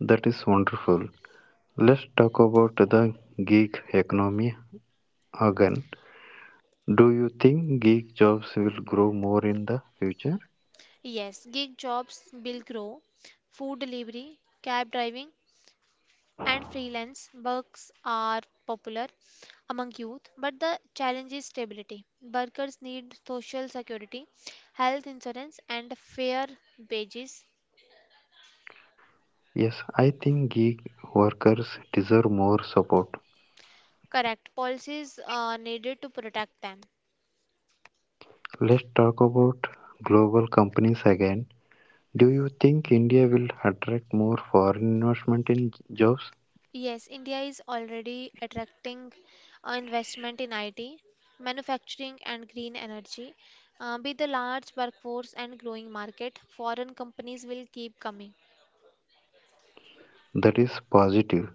S1: That is wonderful. Let's talk about the gig economy again. Do you think gig jobs will grow more in the future?
S2: Yes, gig jobs will grow. Food delivery, cab driving, and freelance works are popular among youth, but the challenge is stability. Workers need social security, health insurance, and fair wages.
S1: Yes, I think gig workers deserve more support.
S2: Correct policies are needed to protect them.
S1: Let's talk about global companies again. Do you think India will attract more foreign investment in jobs?
S2: Yes, India is already attracting investment in IT, manufacturing, and green energy. With the large workforce and growing market, foreign companies will keep coming.
S1: That is positive.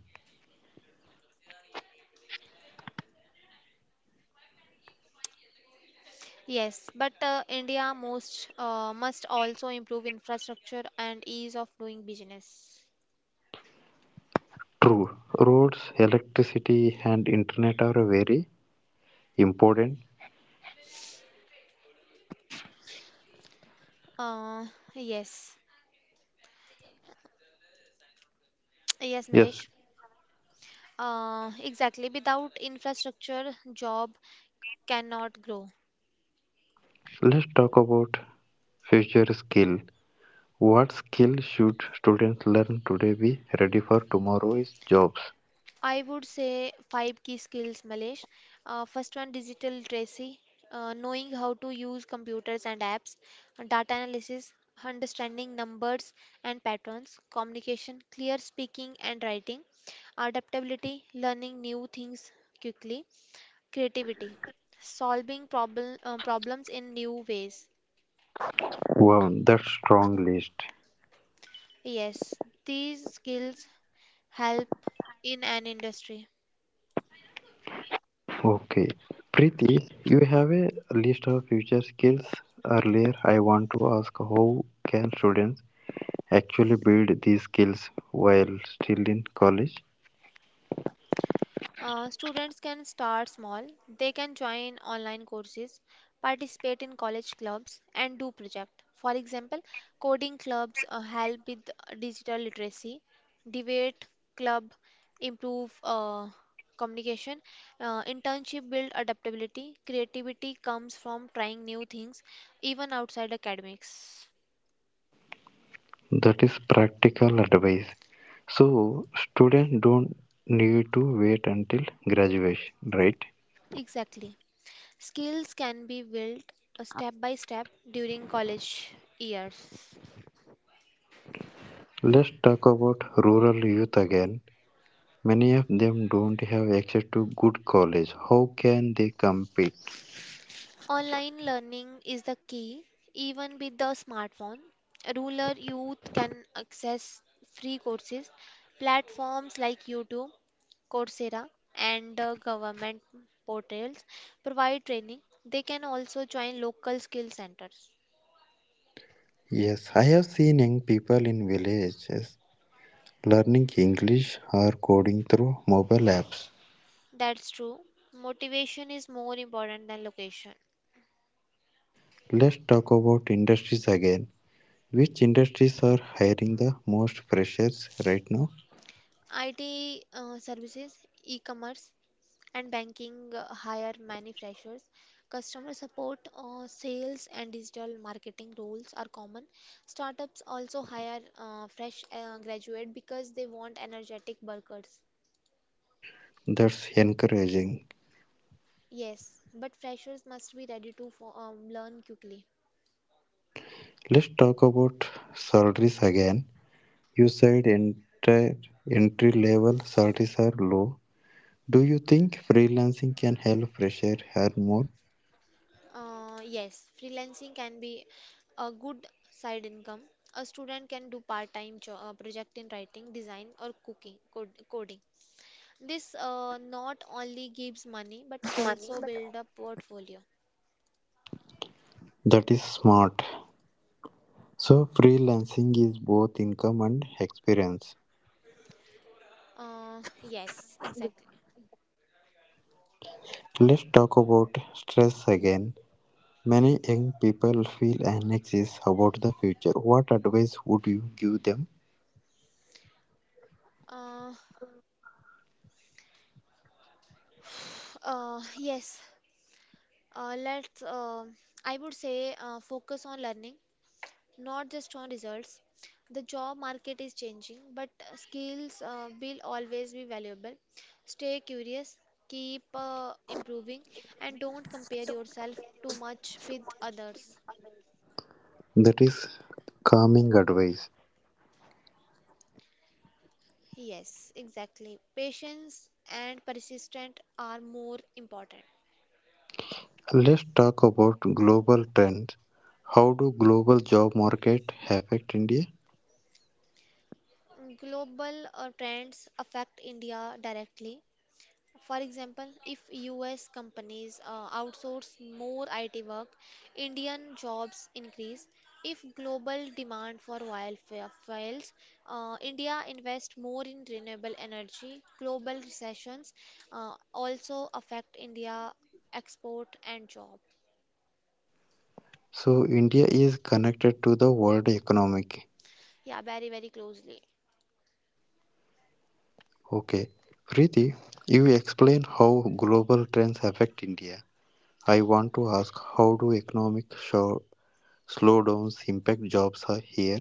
S2: Yes, but India most must also improve infrastructure and ease of doing business.
S1: True, roads, electricity, and internet are very important.
S2: Uh, yes, yes,
S1: Yes,
S2: Milesh. Exactly. Without infrastructure, job cannot grow.
S1: let's talk about future skill. What skill should students learn today be ready for tomorrow's jobs?
S2: I would say five key skills, Malesh. First one, digital literacy, knowing how to use computers and apps; data analysis, understanding numbers and patterns; communication, clear speaking and writing; adaptability, learning new things quickly; creativity, solving problems in new ways.
S1: Wow, that's strong list.
S2: Yes, these skills help in an industry.
S1: Okay, Preeti, you have a list of future skills earlier. I want to ask, how can students actually build these skills while still in college?
S2: Students can start small. They can join online courses, participate in college clubs, and do projects. For example, coding clubs help with digital literacy, debate club improve communication, internship build adaptability. Creativity comes from trying new things, even outside academics.
S1: That is practical advice. So students don't need to wait until graduation, right?
S2: Exactly. Skills can be built step by step during college years.
S1: Let's talk about rural youth again. Many of them don't have access to good college. How can they compete?
S2: Online learning is the key. Even with the smartphone, rural youth can access free courses. Platforms like YouTube, Coursera, and government portals provide training. They can also join local skill centers.
S1: Yes, I have seen young people in villages learning English or coding through mobile apps.
S2: That's true. Motivation is more important than location.
S1: Let's talk about industries again. Which industries are hiring the most freshers right now?
S2: IT services, e commerce, and banking hire many freshers. Customer support, sales, and digital marketing roles are common. Startups also hire fresh graduate because they want energetic workers.
S1: That's encouraging.
S2: Yes, but freshers must be ready to learn quickly.
S1: Let's talk about salaries again. You said entry level salaries are low. Do you think freelancing can help fresher earn more?
S2: Yes, freelancing can be a good side income. A student can do part-time project in writing, design, or coding. This not only gives money but also build a portfolio.
S1: That is smart. So freelancing is both income and experience.
S2: Yes, exactly.
S1: Let's talk about stress again. Many young people feel anxious about the future. What advice would you give them?
S2: Uh, uh, yes, uh, let's, uh, I would say, focus on learning, not just on results. The job market is changing, but skills will always be valuable. Stay curious, keep improving, and don't compare yourself too much with others.
S1: That is calming advice.
S2: Yes, exactly. Patience and persistence are more important.
S1: Let's talk about global trends. How do global job market affect India?
S2: Global trends affect India directly. For example, if US companies outsource more IT work, Indian jobs increase. If global demand for oil fails, India invests more in renewable energy. Global recessions also affect India export and job.
S1: So India is connected to the world economic.
S2: Yeah, very, very closely.
S1: Okay. Preeti, you explain how global trends affect India. I want to ask, how do slowdowns impact jobs are here?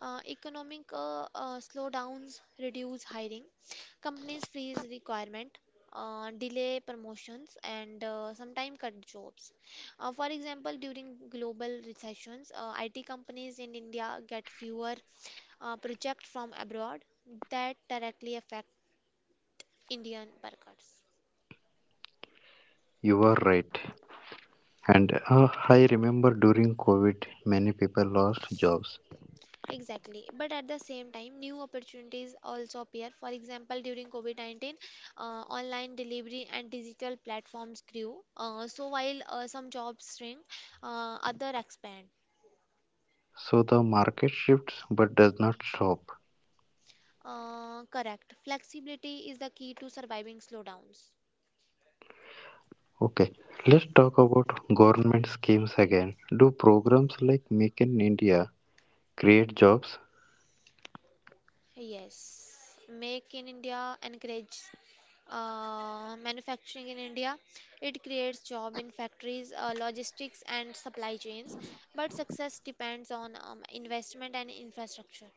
S2: Economic slowdowns reduce hiring. Companies freeze requirement, delay promotions, and sometimes cut jobs. For example, during global recessions, IT companies in India get fewer projects from abroad that directly affect Indian workers.
S1: You are right. And I remember during COVID, many people lost jobs.
S2: Exactly. But at the same time, new opportunities also appear. For example, during COVID-19, uh, online delivery and digital platforms grew. So while some jobs shrink, other expand.
S1: So the market shifts but does not stop.
S2: Correct. Flexibility is the key to surviving slowdowns.
S1: Okay, let's talk about government schemes again. Do programs like Make in India create jobs?
S2: Yes, make in India encourages manufacturing in India. It creates job in factories, logistics, and supply chains. But success depends on investment and infrastructure.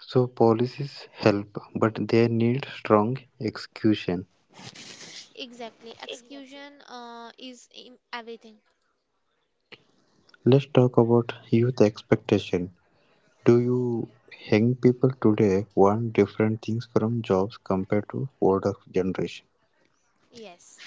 S1: So policies help, but they need strong execution.
S2: Exactly, execution is everything.
S1: Let's talk about youth expectation. Do you young people today want different things from jobs compared to older generation?
S2: Yes.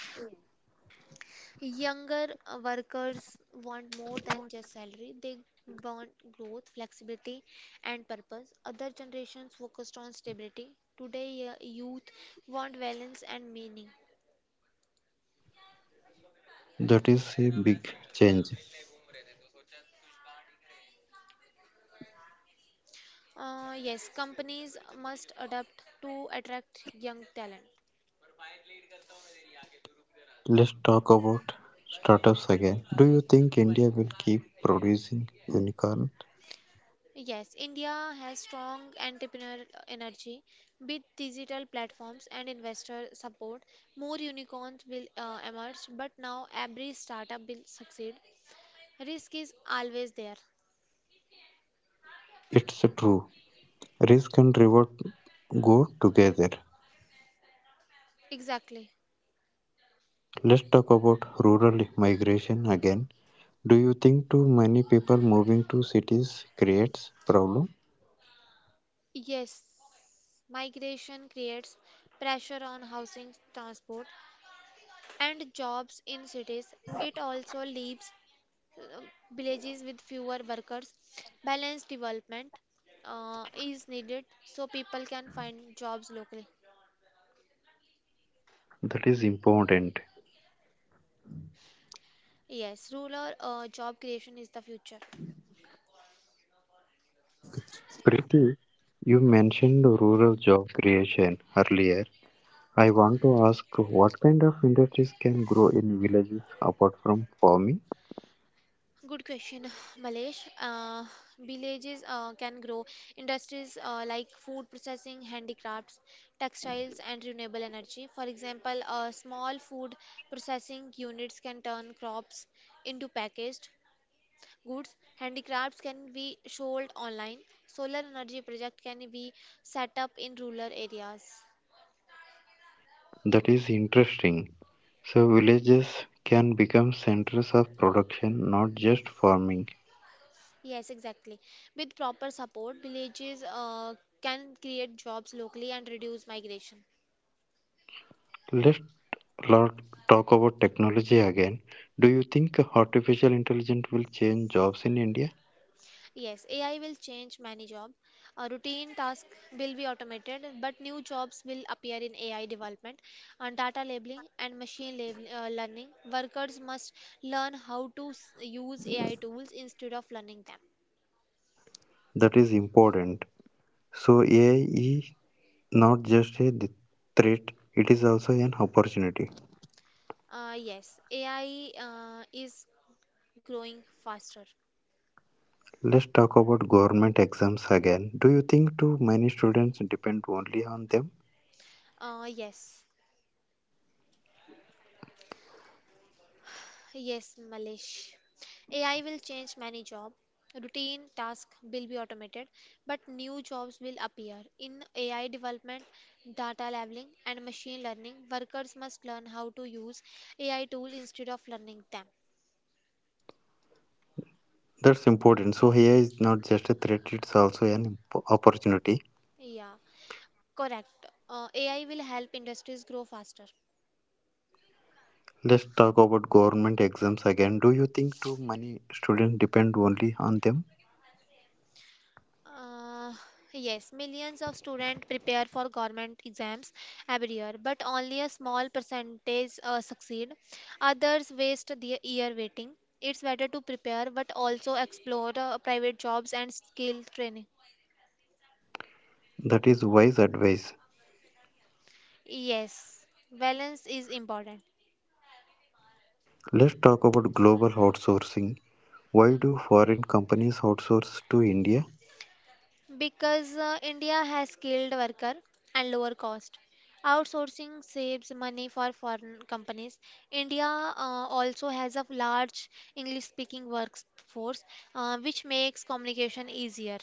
S2: Younger workers want more than just salary. They want growth, flexibility, and purpose. Other generations focused on stability. Today, youth want balance and meaning.
S1: That is a big change.
S2: Yes, companies must adapt to attract young talent.
S1: Let's talk about startups again. Do you think India will keep producing unicorn?
S2: Yes, India has strong entrepreneur energy with digital platforms and investor support. More unicorns will emerge, but now every startup will succeed. Risk is always there.
S1: It's true. Risk and reward go together.
S2: Exactly.
S1: Let's talk about rural migration again. Do you think too many people moving to cities creates problem?
S2: Yes, migration creates pressure on housing, transport, and jobs in cities. It also leaves uh, villages with fewer workers. Balanced development is needed so people can find jobs locally.
S1: That is important.
S2: Yes, rural job creation is the future.
S1: Preeti, you mentioned rural job creation earlier. I want to ask, what kind of industries can grow in villages apart from farming?
S2: Good question, Malesh. Villages can grow industries like food processing, handicrafts, textiles, and renewable energy. For example, small food processing units can turn crops into packaged goods. Handicrafts can be sold online. Solar energy project can be set up in rural areas.
S1: That is interesting. So villages can become centers of production, not just farming.
S2: Yes, exactly. With proper support, villages can create jobs locally and reduce migration.
S1: Let's lot talk about technology again. Do you think artificial intelligence will change jobs in India?
S2: Yes, AI will change many jobs. Routine tasks will be automated, but new jobs will appear in AI development and data labeling and machine learning. Workers must learn how to use AI tools instead of learning them.
S1: That is important. So AI is not just a threat, it is also an opportunity.
S2: Yes, AI is growing faster.
S1: Let's talk about government exams again. Do you think too many students depend only on them?
S2: Uh, yes. Yes, Malesh. AI will change many jobs. Routine tasks will be automated, but new jobs will appear. In AI development, data labeling, and machine learning, workers must learn how to use AI tools instead of learning them.
S1: That's important. So AI is not just a threat, it's also an opportunity.
S2: Yeah, correct. AI will help industries grow faster.
S1: Let's talk about government exams again. Do you think too many students depend only on them?
S2: Uh, yes, millions of students prepare for government exams every year, but only a small percentage succeed. Others waste the year waiting. It's better to prepare but also explore private jobs and skill training.
S1: That is wise advice.
S2: Yes, balance is important.
S1: Let's talk about global outsourcing. Why do foreign companies outsource to India?
S2: Because India has skilled worker and lower cost. Outsourcing saves money for foreign companies. India also has a large English speaking workforce, which makes communication easier.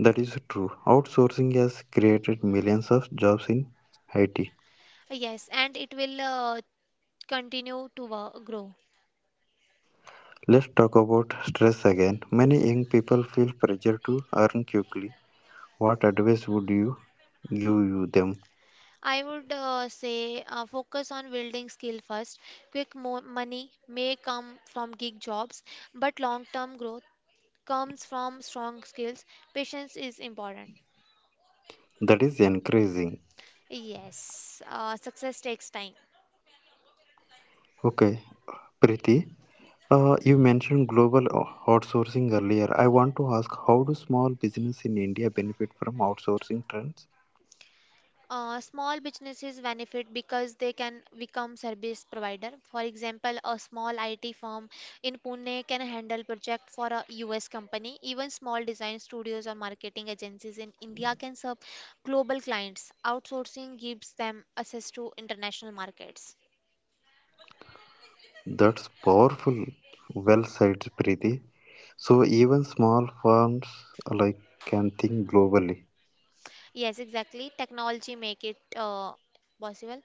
S1: That is true. Outsourcing has created millions of jobs in Haiti.
S2: Yes, and it will continue to grow.
S1: Let's talk about stress again. Many young people feel pressure to earn quickly. What advice would you give you them?
S2: I would say focus on building skill first. Quick mo money may come from gig jobs, but long-term growth comes from strong skills, patience is important.
S1: That is encouraging.
S2: Yes, success takes time.
S1: Okay, Preeti, you mentioned global outsourcing earlier. I want to ask, how do small business in India benefit from outsourcing trends?
S2: Small businesses benefit because they can become service provider. For example, a small IT firm in Pune can handle project for a US company. Even small design studios or marketing agencies in India can serve global clients. Outsourcing gives them access to international markets.
S1: That's powerful. Well said, Preeti. So even small firms like can think globally.
S2: Yes, exactly. Technology make it possible.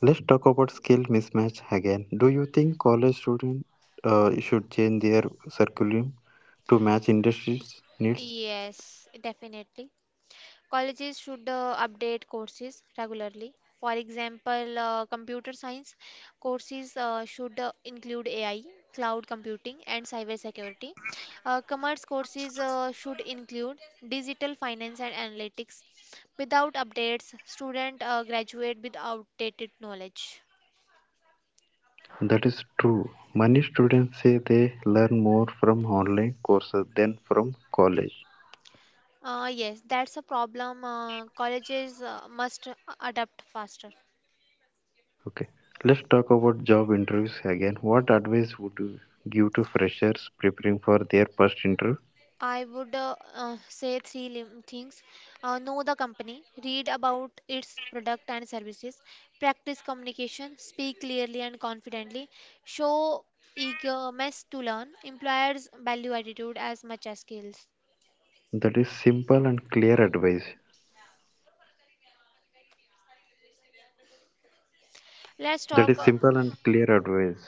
S1: Let's talk about skill mismatch again. Do you think college students should change their curriculum to match industry's needs?
S2: Yes, definitely. Colleges should update courses regularly. For example, computer science courses should include AI, cloud computing, and cybersecurity. Commerce courses should include digital finance and analytics. Without updates, students graduate with outdated knowledge.
S1: That is true. Many students say they learn more from online courses than from college.
S2: Yes, that's a problem. Colleges must adapt faster.
S1: Okay, let's talk about job interviews again. What advice would you give to freshers preparing for their first interview?
S2: I would say three things. Know the company, read about its product and services; practice communication, speak clearly and confidently; show eagerness to learn, employers value attitude as much as skills.
S1: That is simple and clear advice.
S2: Let's
S1: That
S2: talk.
S1: is simple and clear advice.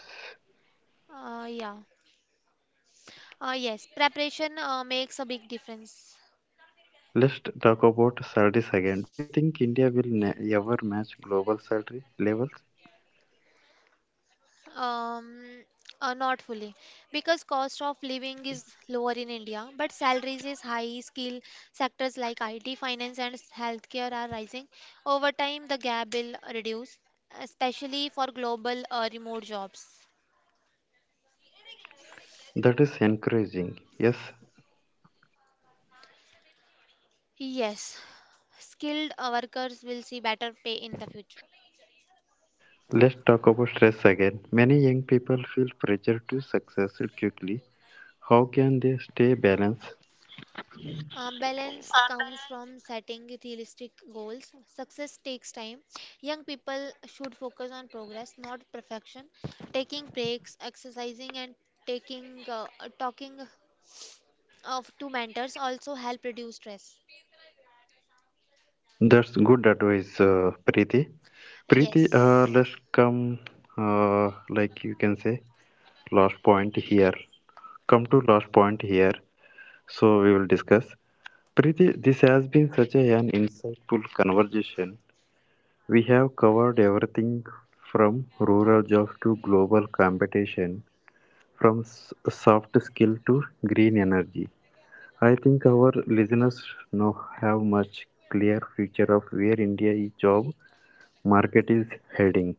S2: Yeah. Yes, preparation makes a big difference.
S1: Let's talk about salaries again. Do you think India will ever match global salary levels?
S2: Um, Not fully, because cost of living is lower in India, but salaries is high. Skill sectors like IT, finance, and healthcare are rising. Over time, the gap will reduce, especially for global remote jobs.
S1: That is encouraging. Yes,
S2: Yes, skilled workers will see better pay in the future.
S1: let's talk about stress again. Many young people feel pressure to success quickly. How can they stay balanced?
S2: Balance comes from setting realistic goals. Success takes time. Young people should focus on progress, not perfection. Taking breaks, exercising, and taking talking of to mentors also help reduce stress.
S1: That's good advice, Preeti. Preeti,
S2: Yes,
S1: let's come, uh, like you can say, last point here. Come to last point here. So we will discuss. Preeti, this has been such an insightful conversation. We have covered everything from rural jobs to global competition, from soft skill to green energy. I think our listeners now have much clear picture of where India's job market is heading.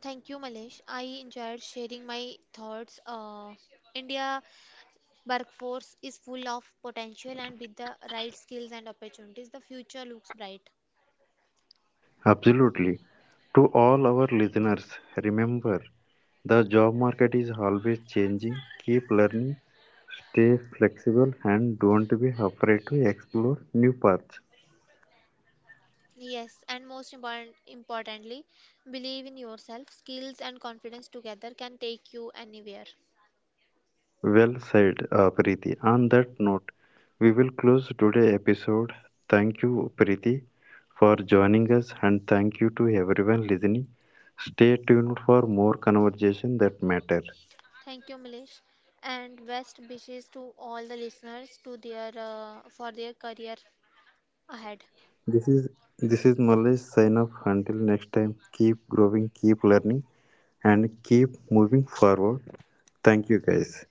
S2: thank you, Malesh. I enjoyed sharing my thoughts. India workforce is full of potential, and with the right skills and opportunities, the future looks bright.
S1: Absolutely. To all our listeners, remember, the job market is always changing. Keep learning, stay flexible, and don't be afraid to explore new paths.
S2: Yes, and importantly, believe in yourself. Skills and confidence together can take you anywhere.
S1: Well said, Preeti. On that note, we will close today's episode. Thank you, Preeti, for joining us, and thank you to everyone listening. Stay tuned for more conversation that matter.
S2: Thank you, Milish, and best wishes to all the listeners to their for their career ahead.
S1: This is this is Mallesh sign off. Until next time, keep growing, keep learning, and keep moving forward. Thank you, guys.